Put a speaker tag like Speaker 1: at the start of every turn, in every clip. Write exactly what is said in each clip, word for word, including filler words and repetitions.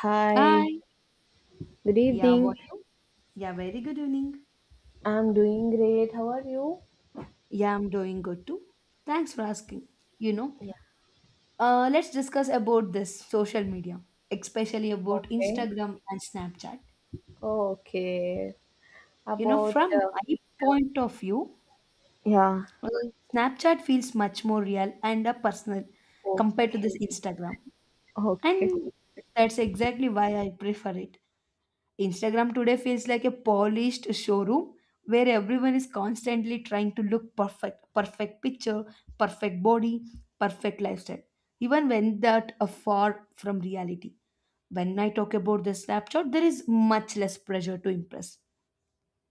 Speaker 1: Hi,
Speaker 2: Hi.
Speaker 1: good
Speaker 2: Yeah, how are
Speaker 1: evening.
Speaker 2: you? Yeah, very good evening.
Speaker 1: I'm doing great. How are you?
Speaker 2: Yeah, I'm doing good too. Thanks for asking. You know,
Speaker 1: Yeah,
Speaker 2: uh, let's discuss about this social media, especially about
Speaker 1: okay.
Speaker 2: Instagram and Snapchat.
Speaker 1: Okay.
Speaker 2: You know,
Speaker 1: About
Speaker 2: from
Speaker 1: Uh,
Speaker 2: my point of view,
Speaker 1: yeah.
Speaker 2: uh, Snapchat feels much more real and uh, personal
Speaker 1: o-
Speaker 2: compared to this Instagram,
Speaker 1: Okay.
Speaker 2: and that's exactly why I prefer it. Instagram today feels like a polished showroom where everyone is constantly trying to look perfect, perfect picture, perfect body, perfect lifestyle, even when that are far from reality. When I talk about the snapshot, there is much less pressure to impress.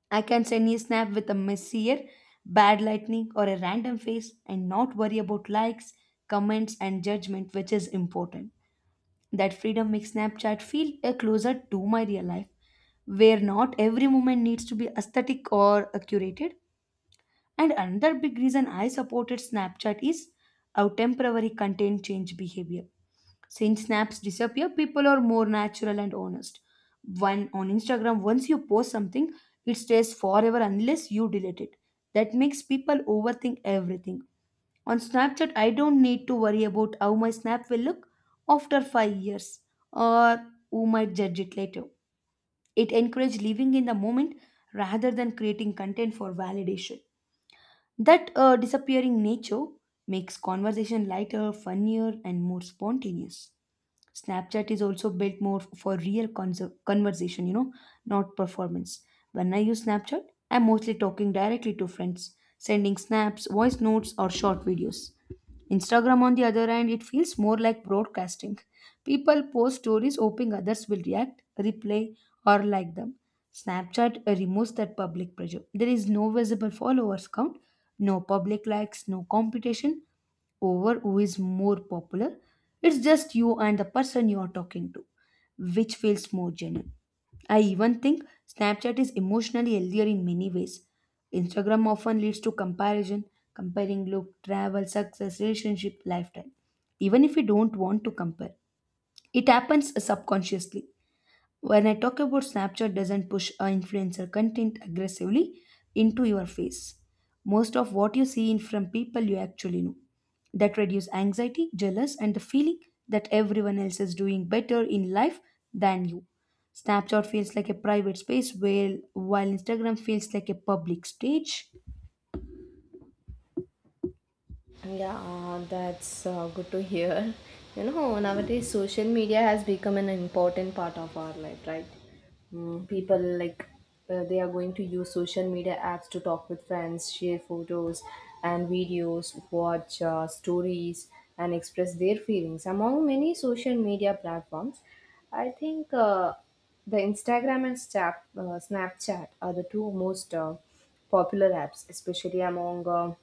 Speaker 2: I can send a snap with a messier, bad lightning, or a random face and not worry about likes, comments, and judgment, which is important. That freedom makes Snapchat feel uh, closer to my real life, where not every moment needs to be aesthetic or uh, curated. And another big reason I supported Snapchat is how temporary content change behavior. Since snaps disappear, people are more natural and honest. One on Instagram, once you post something, it stays forever unless you delete it. That makes people overthink everything on Snapchat. I don't need to worry about how my snap will look after five years or who might judge it later. It encourages living in the moment rather than creating content for validation. That uh, disappearing nature makes conversation lighter, funnier, and more spontaneous. Snapchat is also built more for real conser- conversation, you know, not performance. When I use Snapchat, I'm mostly talking directly to friends, sending snaps, voice notes, or short videos. Instagram, on the other hand, it feels more like broadcasting. People post stories hoping others will react, reply, or like them. Snapchat removes that public pressure. There is no visible followers count, no public likes, no competition, over who is more popular. It's just you and the person you are talking to, which feels more genuine. I even think Snapchat is emotionally healthier in many ways. Instagram often leads to comparison, comparing look, travel, success, relationship, lifetime, even if we don't want to compare. It happens subconsciously. When I talk about Snapchat doesn't push uh, influencer content aggressively into your face. Most of what you see in from people you actually know. That reduce anxiety, jealous, and the feeling that everyone else is doing better in life than you. Snapchat feels like a private space where while Instagram feels like a public stage.
Speaker 1: Yeah, uh, that's uh, good to hear. You know, nowadays social media has become an important part of our life, right? Mm, people like uh, they are going to use social media apps to talk with friends, share photos and videos, watch uh, stories, and express their feelings. Among many social media platforms, I think uh, the Instagram and Snap, uh, Snapchat are the two most uh, popular apps, especially among uh,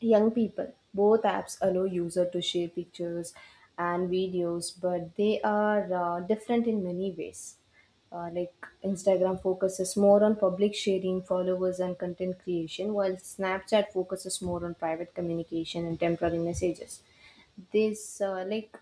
Speaker 1: young people. Both apps allow user to share pictures and videos, but they are uh, different in many ways. Uh, like Instagram focuses more on public sharing, followers, and content creation, while Snapchat focuses more on private communication and temporary messages, this uh, like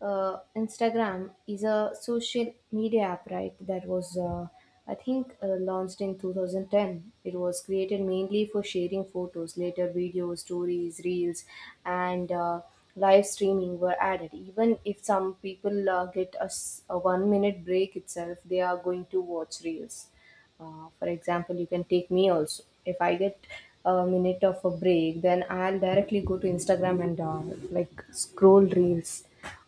Speaker 1: uh, Instagram is a social media app, right? That was uh, I think uh, launched in two thousand ten. It was created mainly for sharing photos, later videos, stories, reels, and uh, live streaming were added. Even if some people uh, get a, s- a one minute break itself, they are going to watch reels. Uh, for example, you can take me also. If I get a minute of a break, then I'll directly go to Instagram and uh, like scroll reels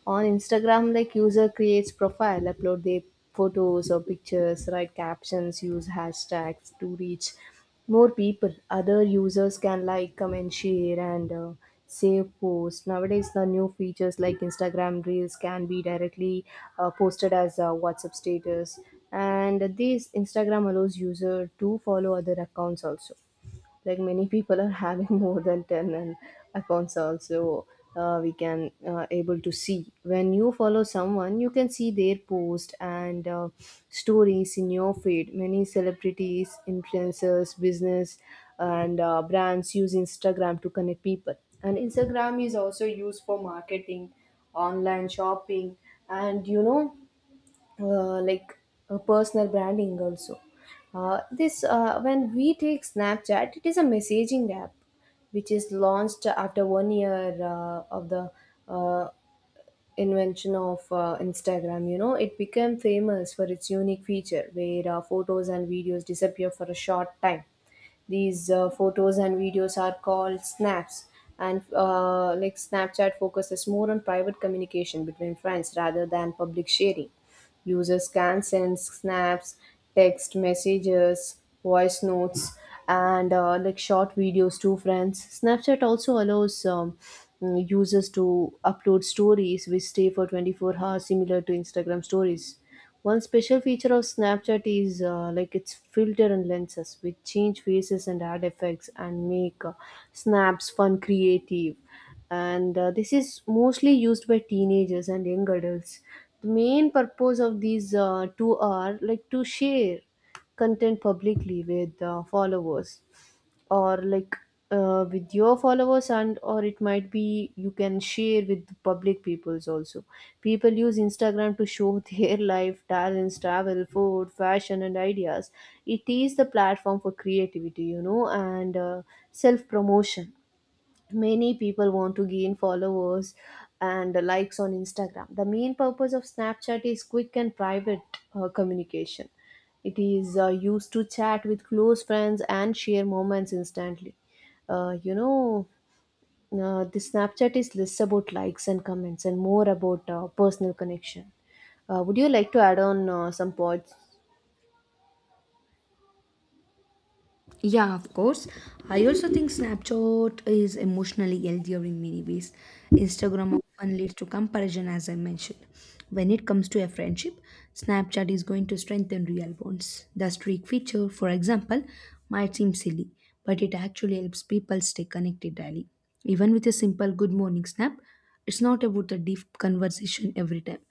Speaker 1: on Instagram. Like, user creates profile, upload their photos or pictures, write captions, use hashtags to reach more people. Other users can like, comment, share, and uh, save posts. Nowadays, the new features like Instagram Reels can be directly uh, posted as a WhatsApp status, and this Instagram allows user to follow other accounts also, like many people are having more than ten and accounts also. Uh, we can uh, able to see, when you follow someone you can see their post and uh, stories in your feed. Many celebrities, influencers, business and uh, brands use Instagram to connect people, and Instagram is also used for marketing, online shopping, and you know, uh, like uh, personal branding also. uh, this uh, when we take Snapchat, it is a messaging app which is launched after one year uh, of the uh, invention of uh, Instagram. You know, it became famous for its unique feature where uh, photos and videos disappear for a short time. These uh, photos and videos are called snaps, and uh, like Snapchat focuses more on private communication between friends rather than public sharing. Users can send snaps, text messages, voice notes, and uh, like short videos to friends. Snapchat also allows um, mm, users to upload stories which stay for twenty-four hours, similar to Instagram stories. One special feature of Snapchat is uh, like its filter and lenses, which change faces and add effects and make uh, snaps fun, creative. And uh, this is mostly used by teenagers and young adults. The main purpose of these uh, two are like to share content publicly with uh, followers, or like uh, with your followers, and or it might be you can share with the public peoples also. People use Instagram to show their life, talents, travel, food, fashion and ideas. It is the platform for creativity, you know, and uh, self promotion. Many people want to gain followers and likes on Instagram. The main purpose of Snapchat is quick and private uh, communication. It is uh, used to chat with close friends and share moments instantly. uh, you know, uh, the Snapchat is less about likes and comments and more about uh, personal connection. uh, would you like to add on uh, some points?
Speaker 2: Yeah, of course. I also think Snapchat is emotionally healthier in many ways. Instagram often leads to comparison, as I mentioned. When it comes to a friendship, Snapchat is going to strengthen real bonds. The streak feature, for example, might seem silly, but it actually helps people stay connected daily. Even with a simple good morning snap, it's not about the deep conversation every time,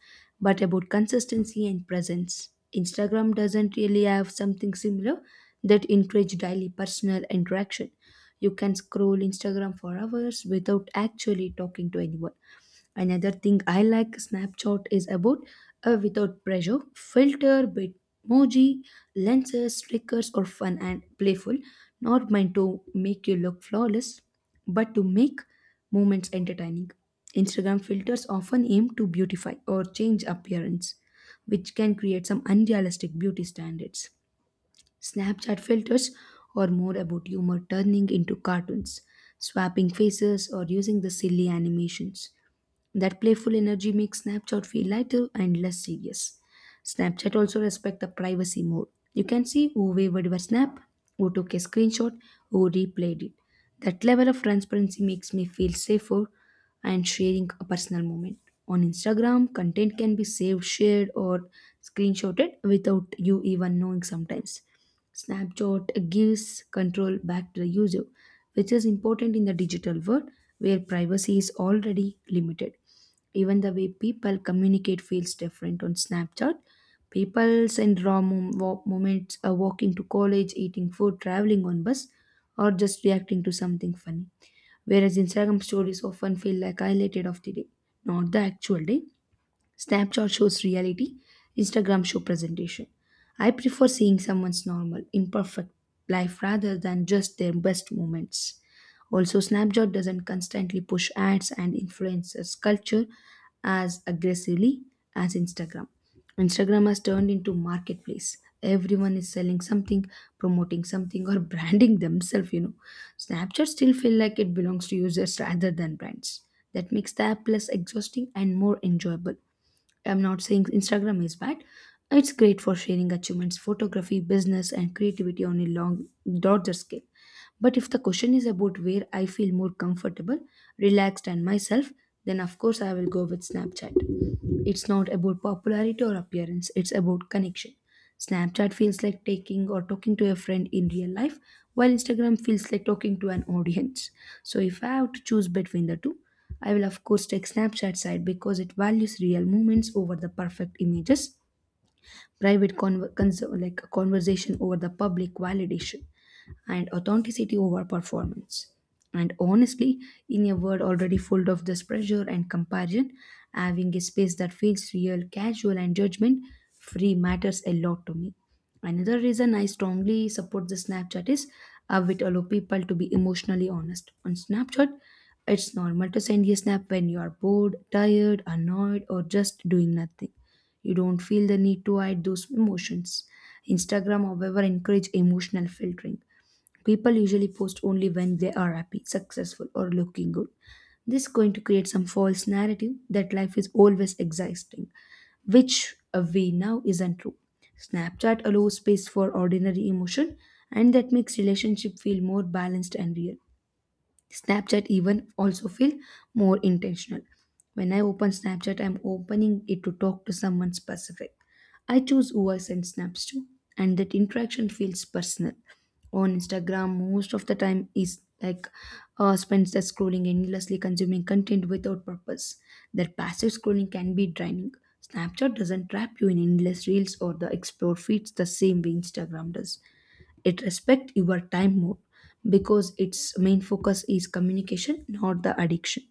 Speaker 2: but about consistency and presence. Instagram doesn't really have something similar that encourage daily personal interaction. You can scroll Instagram for hours without actually talking to anyone. Another thing I like Snapchat is about a without pressure filter, bitmoji, lenses, stickers or fun and playful, not meant to make you look flawless, but to make moments entertaining. Instagram filters often aim to beautify or change appearance, which can create some unrealistic beauty standards. Snapchat filters are more about humor turning into cartoons, swapping faces, or using the silly animations. That playful energy makes Snapchat feel lighter and less serious. Snapchat also respect the privacy more. You can see who wavered your snap, who took a screenshot, who replayed it. That level of transparency makes me feel safer and sharing a personal moment. On Instagram, content can be saved, shared, or screenshotted without you even knowing sometimes. Snapchat gives control back to the user which is important in the digital world where privacy is already limited. Even the way people communicate feels different on Snapchat. People send raw mom- wa- moments, uh, walking to college, eating food, traveling on bus, or just reacting to something funny. Whereas Instagram stories often feel like highlighted of the day, not the actual day. Snapchat shows reality, Instagram show presentation. I prefer seeing someone's normal, imperfect life rather than just their best moments. Also, Snapchat doesn't constantly push ads and influencers culture as aggressively as Instagram. Instagram has turned into marketplace. Everyone is selling something, promoting something, or branding themselves, you know. Snapchat still feel like it belongs to users rather than brands. That makes the app less exhausting and more enjoyable. I'm not saying Instagram is bad. It's great for sharing achievements, photography, business, and creativity on a long, larger scale. But if the question is about where I feel more comfortable, relaxed, and myself, then of course I will go with Snapchat. It's not about popularity or appearance, it's about connection. Snapchat feels like taking or talking to a friend in real life, while Instagram feels like talking to an audience. So if I have to choose between the two, I will of course take Snapchat side because it values real moments over the perfect images, private conver- cons- like conversation over the public validation and authenticity over performance. And honestly, in a world already full of this pressure and comparison, having a space that feels real, casual, and judgment free matters a lot to me. Another reason I strongly support the Snapchat is how it allows people to be emotionally honest. On Snapchat, it's normal to send a snap when you are bored, tired, annoyed, or just doing nothing. You don't feel the need to hide those emotions. Instagram, however, encourage emotional filtering. People usually post only when they are happy, successful, or looking good. This is going to create some false narrative that life is always exciting, which uh, we now isn't true. Snapchat allows space for ordinary emotion, and that makes relationship feel more balanced and real. Snapchat even also feel more intentional. When I open Snapchat, I'm opening it to talk to someone specific. I choose who I send snaps to, and that interaction feels personal. On Instagram, most of the time is like uh, spends that scrolling endlessly, consuming content without purpose. That passive scrolling can be draining. Snapchat doesn't trap you in endless reels or the explore feeds the same way Instagram does. It respect your time more because its main focus is communication not the addiction.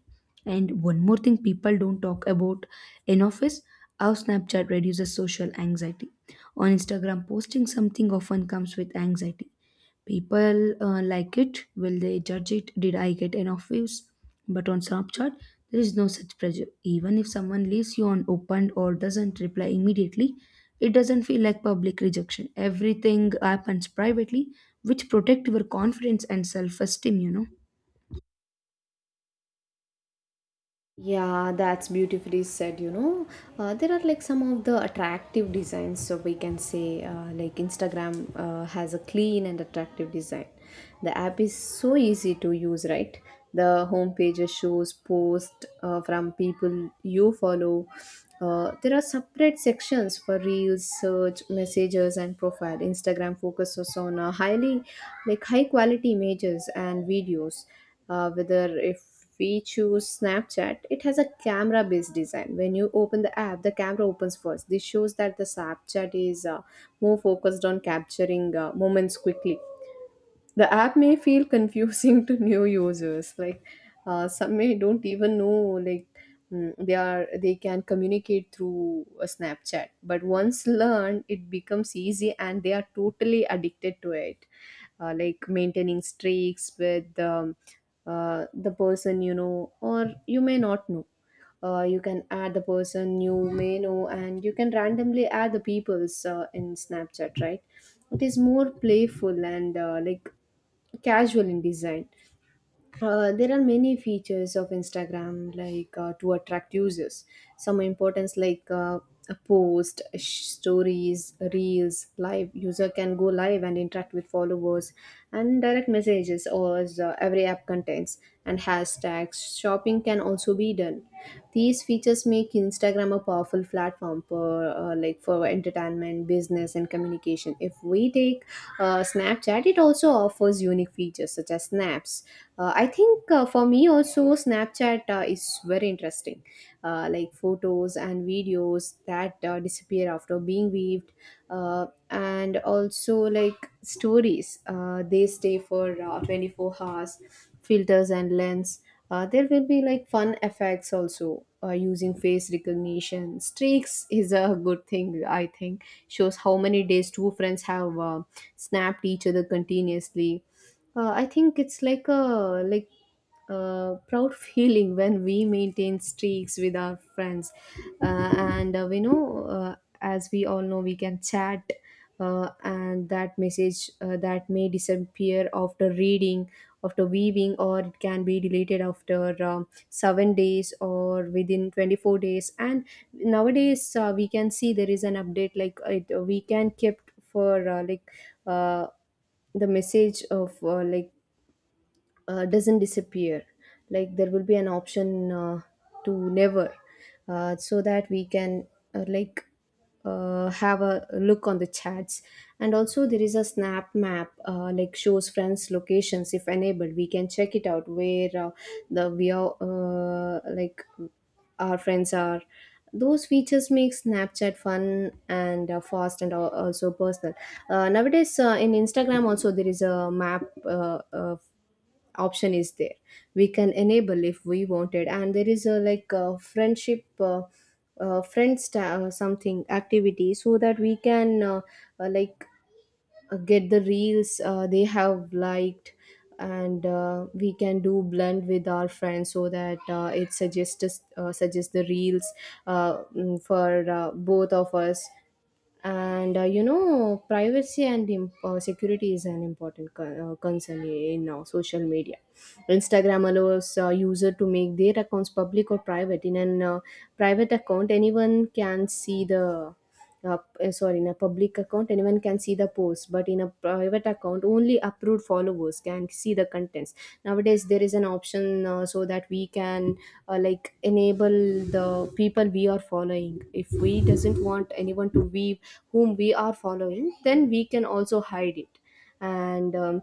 Speaker 2: And one more thing people don't talk about enough is how Snapchat reduces social anxiety. On Instagram posting something often comes with anxiety. People uh, like it. Will they judge it? Did I get enough views? But on Snapchat, there is no such pressure. Even if someone leaves you unopened or doesn't reply immediately, it doesn't feel like public rejection. Everything happens privately, which protect your confidence and self-esteem. You know.
Speaker 1: Yeah, that's beautifully said. You know, uh, there are like some of the attractive designs, so we can say, uh, like Instagram uh, has a clean and attractive design. The app is so easy to use, right? The homepage shows posts uh, from people you follow. Uh, there are separate sections for reels, search, messages, and profile. Instagram focuses on uh, highly, like high quality images and videos. uh, whether if we choose Snapchat, it has a camera based design. When you open the app, the camera opens first. This shows that the Snapchat is uh, more focused on capturing uh, moments quickly. The app may feel confusing to new users. Like uh, some may don't even know, like mm, they are they can communicate through a Snapchat, but once learned, it becomes easy and they are totally addicted to it. uh, like maintaining streaks with um, uh, the person you know or you may not know. Uh, you can add the person you may know and you can randomly add the people's uh, in Snapchat, right? It is more playful and uh, like casual in design. uh, there are many features of Instagram like uh, to attract users. Some importance like uh, a post, sh- stories, reels, live. User can go live and interact with followers, and direct messages, or as, uh, every app contains, and hashtags. Shopping can also be done. These features make Instagram a powerful platform for uh, like for entertainment, business, and communication. If we take uh, Snapchat, it also offers unique features such as snaps. uh, I think uh, for me also Snapchat uh, is very interesting. uh, like photos and videos that uh, disappear after being viewed, uh, and also like stories, uh, they stay for uh, twenty-four hours. Filters and lens, uh, there will be like fun effects also, uh, using face recognition. Streaks is a good thing, I think, shows how many days two friends have uh, snapped each other continuously. uh, I think it's like a like a proud feeling when we maintain streaks with our friends, uh, and uh, we know, uh, as we all know, we can chat, uh, and that message uh, that may disappear after reading, after viewing, or it can be deleted after um, seven days or within twenty four days. And nowadays uh, we can see there is an update like it, we can kept for uh, like. Uh, the message of uh, like uh, doesn't disappear, like there will be an option uh, to never, uh, so that we can uh, like uh, have a look on the chats. And also there is a snap map, uh, like shows friends locations if enabled. We can check it out, where uh, the we are, uh, like our friends are. Those features make Snapchat fun and uh, fast, and al- also personal. uh, nowadays, uh, in Instagram also there is a map, uh, uh, option is there. We can enable if we wanted, and there is a like a friendship uh, uh, friend sta- uh, something activity, so that we can uh, uh, like uh, get the reels uh, they have liked. And uh, we can do blend with our friends so that uh, it suggests us- uh, suggests the reels uh, mm, for uh, both of us. And uh, you know, privacy and im- uh, security is an important con- uh, concern in uh, social media. Instagram allows uh, user to make their accounts public or private. In an uh, private account anyone can see the uh, p- uh, sorry, in a public account anyone can see the post, but in a private account only approved followers can see the contents. Nowadays there is an option, uh, so that we can uh, like enable the people we are following. If we doesn't want anyone to be whom we are following, then we can also hide it. And um,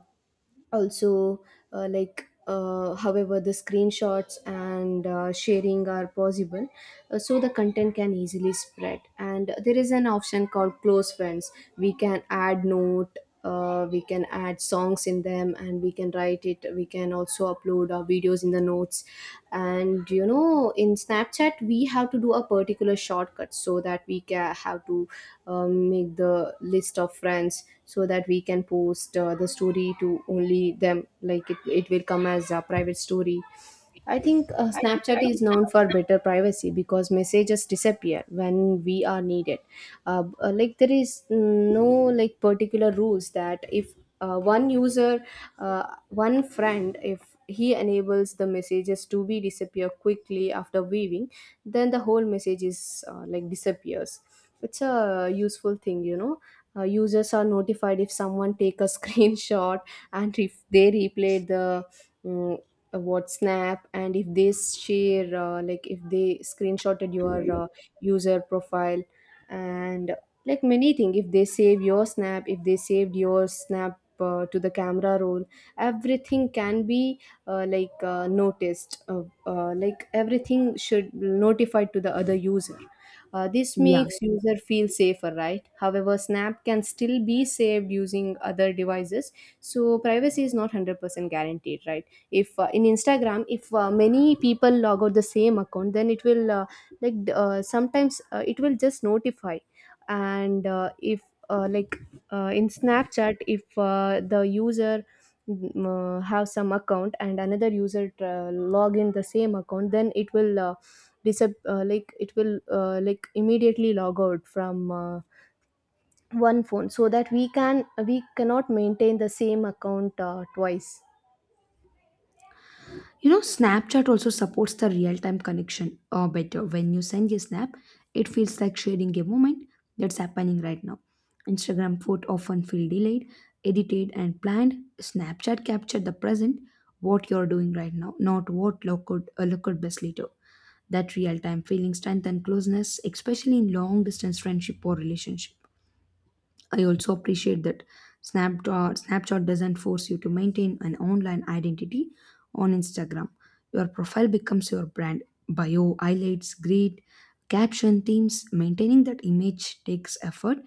Speaker 1: also, uh, like uh, however the screenshots and uh, sharing are possible, uh, so the content can easily spread. And there is an option called close friends. We can add note, uh, we can add songs in them and we can write it. We can also upload our videos in the notes. And you know, in Snapchat we have to do a particular shortcut, so that we can have to um, make the list of friends, so that we can post uh, the story to only them, like it, it will come as a private story. I think uh, Snapchat is known for better privacy because messages disappear when we are needed. Uh, b- uh, like there is no like particular rules, that if uh, one user, uh, one friend, if he enables the messages to be disappear quickly after viewing, then the whole message is uh, like disappears. It's a useful thing, you know. Uh, users are notified if someone take a screenshot, and if they replayed the mm, uh, WhatsApp, and if they share, uh, like if they screenshotted your uh, user profile, and like many things, if they save your snap, if they saved your snap uh, to the camera roll, everything can be uh, like uh, noticed. Uh, uh, like everything should notified to the other user. Uh, this
Speaker 2: Yeah.
Speaker 1: makes user feel safer, right? However, Snap can still be saved using other devices, so privacy is not one hundred percent guaranteed, right? if uh, in Instagram, if uh, many people log out the same account, then it will uh, like d- uh, sometimes uh, it will just notify. And uh, if uh, like uh, in Snapchat, if uh, the user mm, uh, have some account and another user uh, log in the same account, then it will uh, disap- uh, like it will uh, like immediately log out from uh, one phone, so that we can we cannot maintain the same account uh, twice.
Speaker 2: You know, Snapchat also supports the real time connection uh, better. When you send a snap, it feels like sharing a moment that's happening right now. Instagram photo often feel delayed, edited, and planned. Snapchat capture the present, what you're doing right now, not what look could uh, look could best later. That real time feeling strength and closeness, especially in long distance friendship or relationship. I also appreciate that Snapchat, Snapchat doesn't force you to maintain an online identity on Instagram. Your profile becomes your brand. Bio, highlights, grid, caption, themes. Maintaining that image takes effort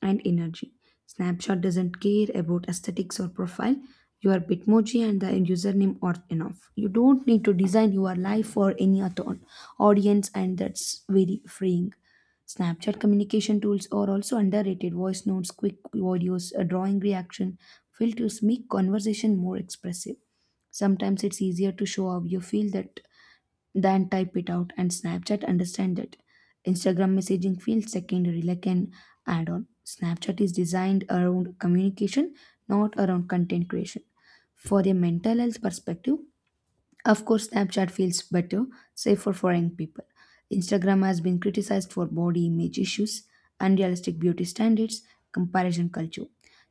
Speaker 2: and energy. Snapchat doesn't care about aesthetics or profile. Your Bitmoji and the username are enough. You don't need to design your life for any other audience, and that's very freeing. Snapchat communication tools are also underrated. Voice notes, quick videos, a drawing reaction filters make conversation more expressive. Sometimes it's easier to show how you feel that than type it out, and Snapchat understand that. Instagram messaging feels secondary, like an add-on. Snapchat is designed around communication, not around content creation. For a mental health perspective, of course, Snapchat feels better, safer for young people. Instagram has been criticized for body image issues, unrealistic beauty standards, comparison culture.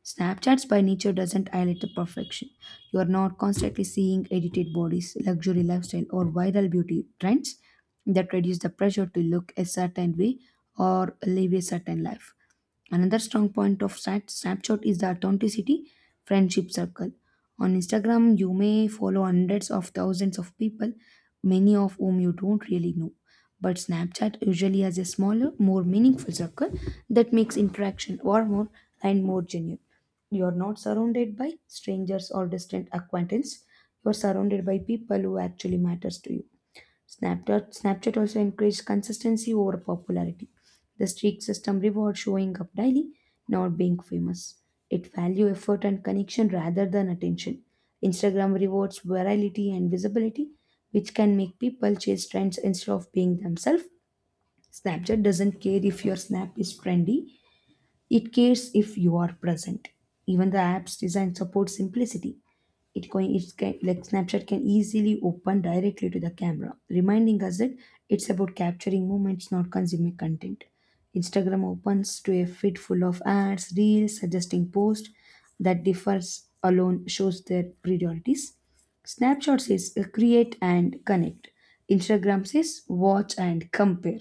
Speaker 2: Snapchat's by nature doesn't highlight the perfection. You are not constantly seeing edited bodies, luxury lifestyle, or viral beauty trends that reduce the pressure to look a certain way or live a certain life. Another strong point of Snap- Snapchat is the authenticity friendship circle. On Instagram, you may follow hundreds of thousands of people, many of whom you don't really know. But Snapchat usually has a smaller, more meaningful circle that makes interaction warmer and more genuine. You are not surrounded by strangers or distant acquaintances. You are surrounded by people who actually matters to you. Snapchat, Snapchat also encouraged consistency over popularity. The streak system rewards showing up daily, not being famous. It value effort and connection rather than attention. Instagram rewards virality and visibility, which can make people chase trends instead of being themselves. Snapchat doesn't care if your snap is trendy, it cares if you are present. Even the app's design supports simplicity. It going it's ca- like Snapchat can easily open directly to the camera, reminding us that it's about capturing moments, not consuming content. Instagram opens to a feed full of ads, reels, suggesting posts. That differs alone shows their priorities. Snapchat says, uh, create and connect. Instagram says watch and compare.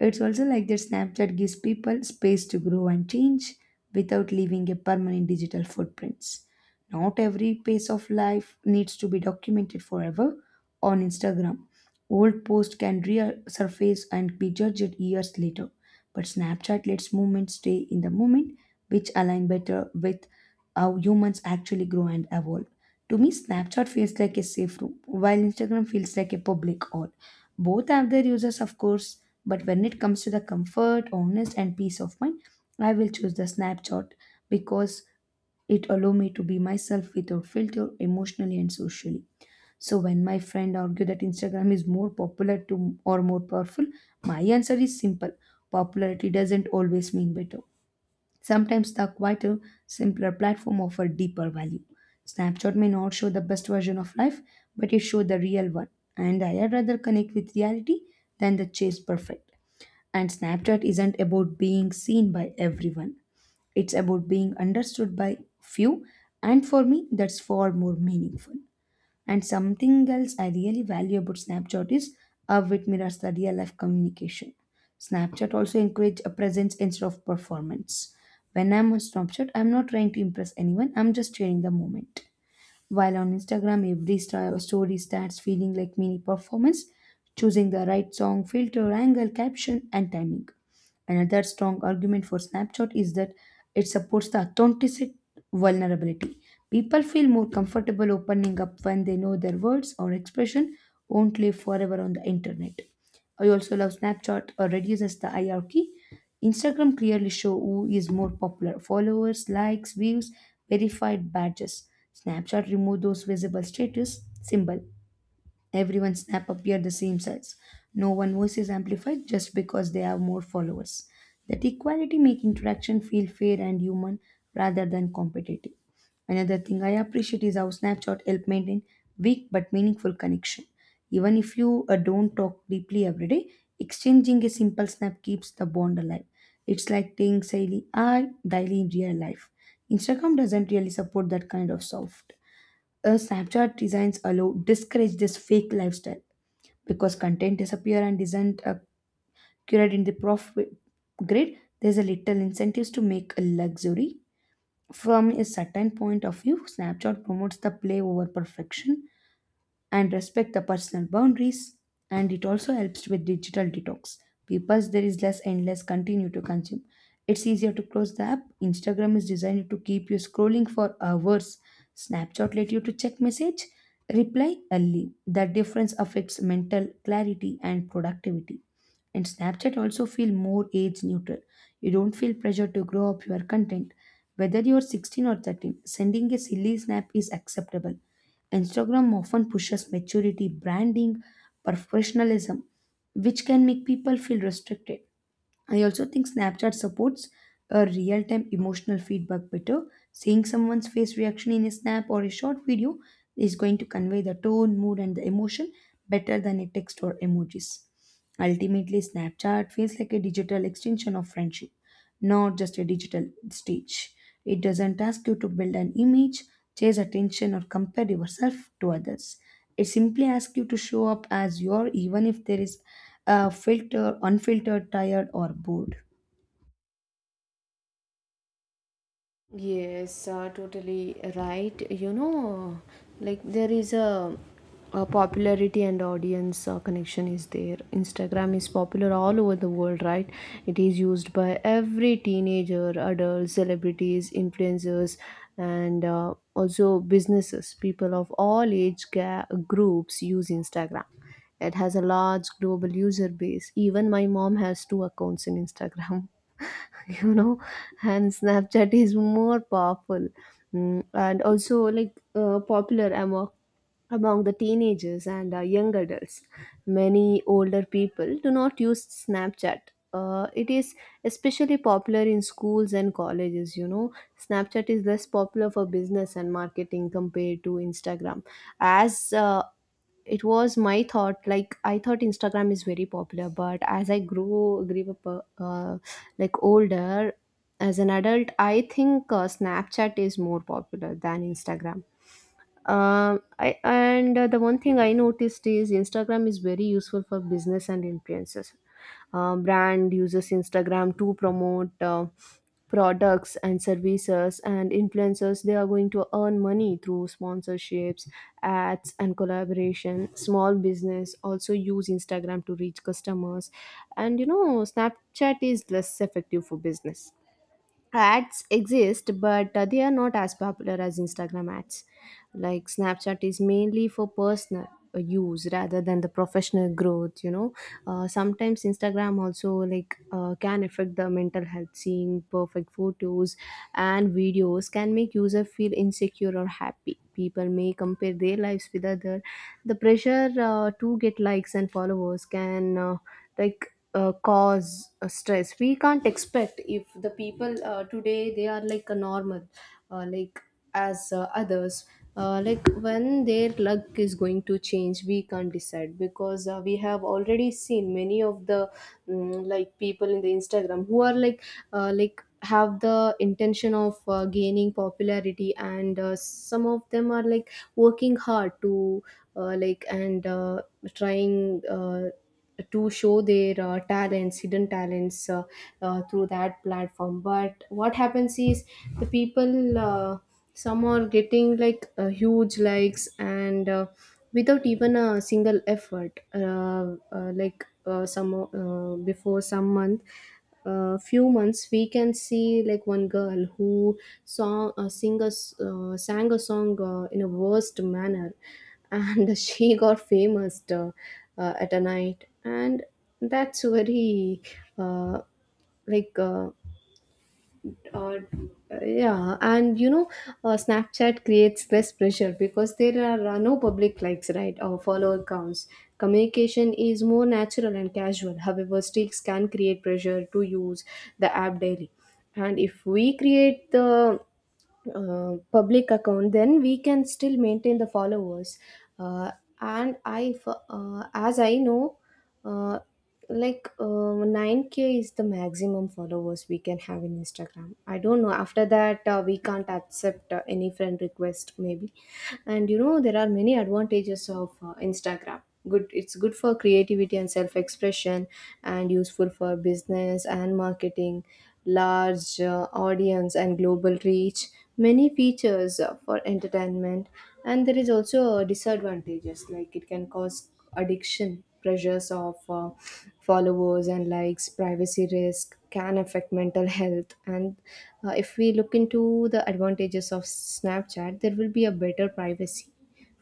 Speaker 2: It's also like that Snapchat gives people space to grow and change without leaving a permanent digital footprints. Not every phase of life needs to be documented forever on Instagram. Old posts can resurface and be judged years later, but Snapchat lets moments stay in the moment, which align better with how humans actually grow and evolve. To me, Snapchat feels like a safe room, while Instagram feels like a public hall. Both have their uses, of course, but when it comes to the comfort, honest, and peace of mind, I will choose the snapshot because it allow me to be myself without filter, emotionally and socially. So when my friend argue that Instagram is more popular to or more powerful, my answer is simple: popularity doesn't always mean better. Sometimes the quieter, simpler platform offer deeper value. Snapshot may not show the best version of life, but it shows the real one. And I rather connect with reality than the chase perfect. And Snapchat isn't about being seen by everyone. It's about being understood by few, and for me, that's far more meaningful. And something else I really value about Snapchat is how it mirrors the real life communication. Snapchat also encourages a presence instead of performance. When I'm on Snapchat, I'm not trying to impress anyone, I'm just sharing the moment. While on Instagram, every st- story starts feeling like mini performance, choosing the right song, filter, angle, caption, and timing. Another strong argument for Snapchat is that it supports the authenticity vulnerability. People feel more comfortable opening up when they know their words or expression won't live forever on the internet. I also love Snapchat or reduces the hierarchy. Instagram clearly show who is more popular, followers, likes, views, verified badges. Snapchat remove those visible status symbol. Everyone's snap appear the same size. No one voice is amplified just because they have more followers. That equality make interaction feel fair and human rather than competitive. Another thing I appreciate is how Snapchat help maintain weak but meaningful connection. Even if you uh, don't talk deeply every day, exchanging a simple snap keeps the bond alive. It's like saying daily, I daily in real life. Instagram doesn't really support that kind of soft. uh, Snapchat designs allow discourage this fake lifestyle because content disappear and isn't uh, curated in the profit grid. There's a little incentives to make a luxury. From a certain point of view, Snapchat promotes the play over perfection and respect the personal boundaries, and it also helps with digital detox because there is less endless continue to consume. It's easier to close the app. Instagram is designed to keep you scrolling for hours. Snapchat let you to check message, reply, and leave. That difference affects mental clarity and productivity. And Snapchat also feel more age neutral. You don't feel pressure to grow up your content. Whether you're sixteen or thirteen, sending a silly snap is acceptable. Instagram often pushes maturity, branding, professionalism, which can make people feel restricted. I also think Snapchat supports a real time emotional feedback better. Seeing someone's face reaction in a snap or a short video is going to convey the tone, mood, and the emotion better than a text or emojis. Ultimately, Snapchat feels like a digital extension of friendship, not just a digital stage. It doesn't ask you to build an image, chase attention, or compare yourself to others. It simply asks you to show up as you are, even if there is a filter, unfiltered, tired, or bored.
Speaker 1: Yes, uh, totally right. You know, like there is a, a popularity and audience uh, connection is there. Instagram is popular all over the world, right? It is used by every teenager, adults, celebrities, influencers, and uh, also businesses. People of all age ga- groups use Instagram. It has a large global user base. Even my mom has two accounts in Instagram. You know, and Snapchat is more powerful, mm, and also like uh, popular among among the teenagers and uh, young adults. Many older people do not use Snapchat. Uh, it is especially popular in schools and colleges, you know. Snapchat is less popular for business and marketing compared to Instagram. As uh, It was my thought, like, I thought Instagram is very popular, but as I grew grew up, uh, uh, like older as an adult, I think uh, Snapchat is more popular than Instagram. Um I and uh, The one thing I noticed is Instagram is very useful for business and influencers. Uh, brand uses Instagram to promote uh, products and services, and influencers, they are going to earn money through sponsorships, ads, and collaboration. Small business also use Instagram to reach customers. And you know, Snapchat is less effective for business. Ads exist, but uh, they are not as popular as Instagram ads. Like Snapchat is mainly for personal uh, use rather than the professional growth, you know. Uh, sometimes Instagram also like uh, can affect the mental health. Seeing perfect photos and videos can make user feel insecure or happy. People may compare their lives with other. The pressure uh, to get likes and followers can uh, like uh, cause uh, stress. We can't expect if the people uh, today they are like a normal, uh, like as uh, others uh, like when their luck is going to change, we can't decide, because uh, we have already seen many of the mm, like people in the Instagram who are like uh, like have the intention of uh, gaining popularity, and uh, some of them are like working hard to, uh, like and uh, trying uh, to show their uh, talents, hidden talents, uh, uh, through that platform. But what happens is the people, uh, some are getting like uh, huge likes and, uh, without even a single effort. Uh, uh, like uh, some uh, before some month uh, Few months, we can see like one girl who saw a sing uh, sang a song uh, in a worst manner, and she got famous uh, uh, at a night. And that's very, uh, like uh, uh, yeah. And you know, uh, Snapchat creates less pressure because there are uh, no public likes, right, or follower counts. Communication is more natural and casual. However, streaks can create pressure to use the app daily. And if we create the uh, public account, then we can still maintain the followers. uh, and i f- uh, as I know, uh, like uh, nine k is the maximum followers we can have in Instagram. I don't know, after that uh, we can't accept uh, any friend request maybe. And you know, there are many advantages of uh, Instagram. Good, it's good for creativity and self expression, and useful for business and marketing, large uh, audience and global reach, many features uh, for entertainment. And there is also uh, disadvantages, like it can cause addiction, pressures of uh, followers and likes, privacy risk, can affect mental health. And uh, if we look into the advantages of Snapchat, there will be a better privacy,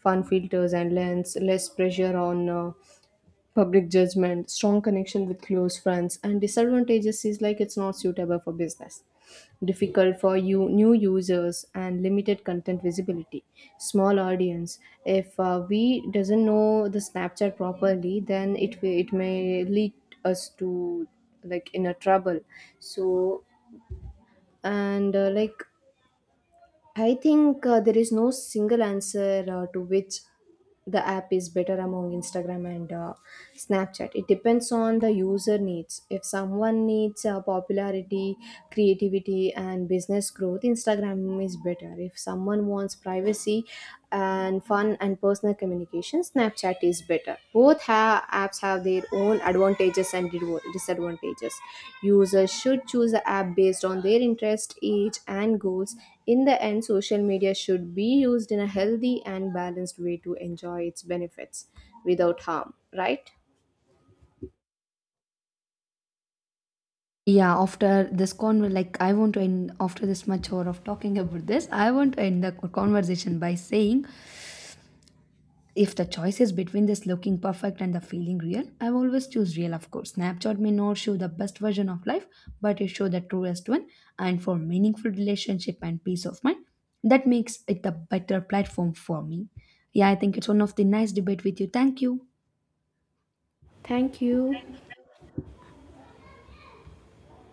Speaker 1: fun filters and lens, less pressure on uh, public judgment, strong connection with close friends. And disadvantages is like it's not suitable for business, difficult for you new users, and limited content visibility, small audience. If uh, we doesn't know the Snapchat properly, then it will- it may lead us to like inner trouble. So, and uh, like I think uh, there is no single answer uh, to which the app is better among Instagram and uh, Snapchat. It depends on the user needs. If someone needs uh, popularity, creativity, and business growth, Instagram is better. If someone wants privacy and fun and personal communication, Snapchat is better. Both ha- apps have their own advantages and divo- disadvantages. Users should choose the app based on their interest, age, and goals. In the end, social media should be used in a healthy and balanced way to enjoy its benefits without harm, right?
Speaker 2: Yeah, after this con, like, I want to end after this much hour of talking about this. I want to end the conversation by saying, if the choice is between this looking perfect and the feeling real, I always choose real, of course. Snapchat may not show the best version of life, but it shows the truest one. And for meaningful relationship and peace of mind, that makes it a better platform for me. Yeah, I think it's one of the nice debate with you. Thank you.
Speaker 1: Thank you.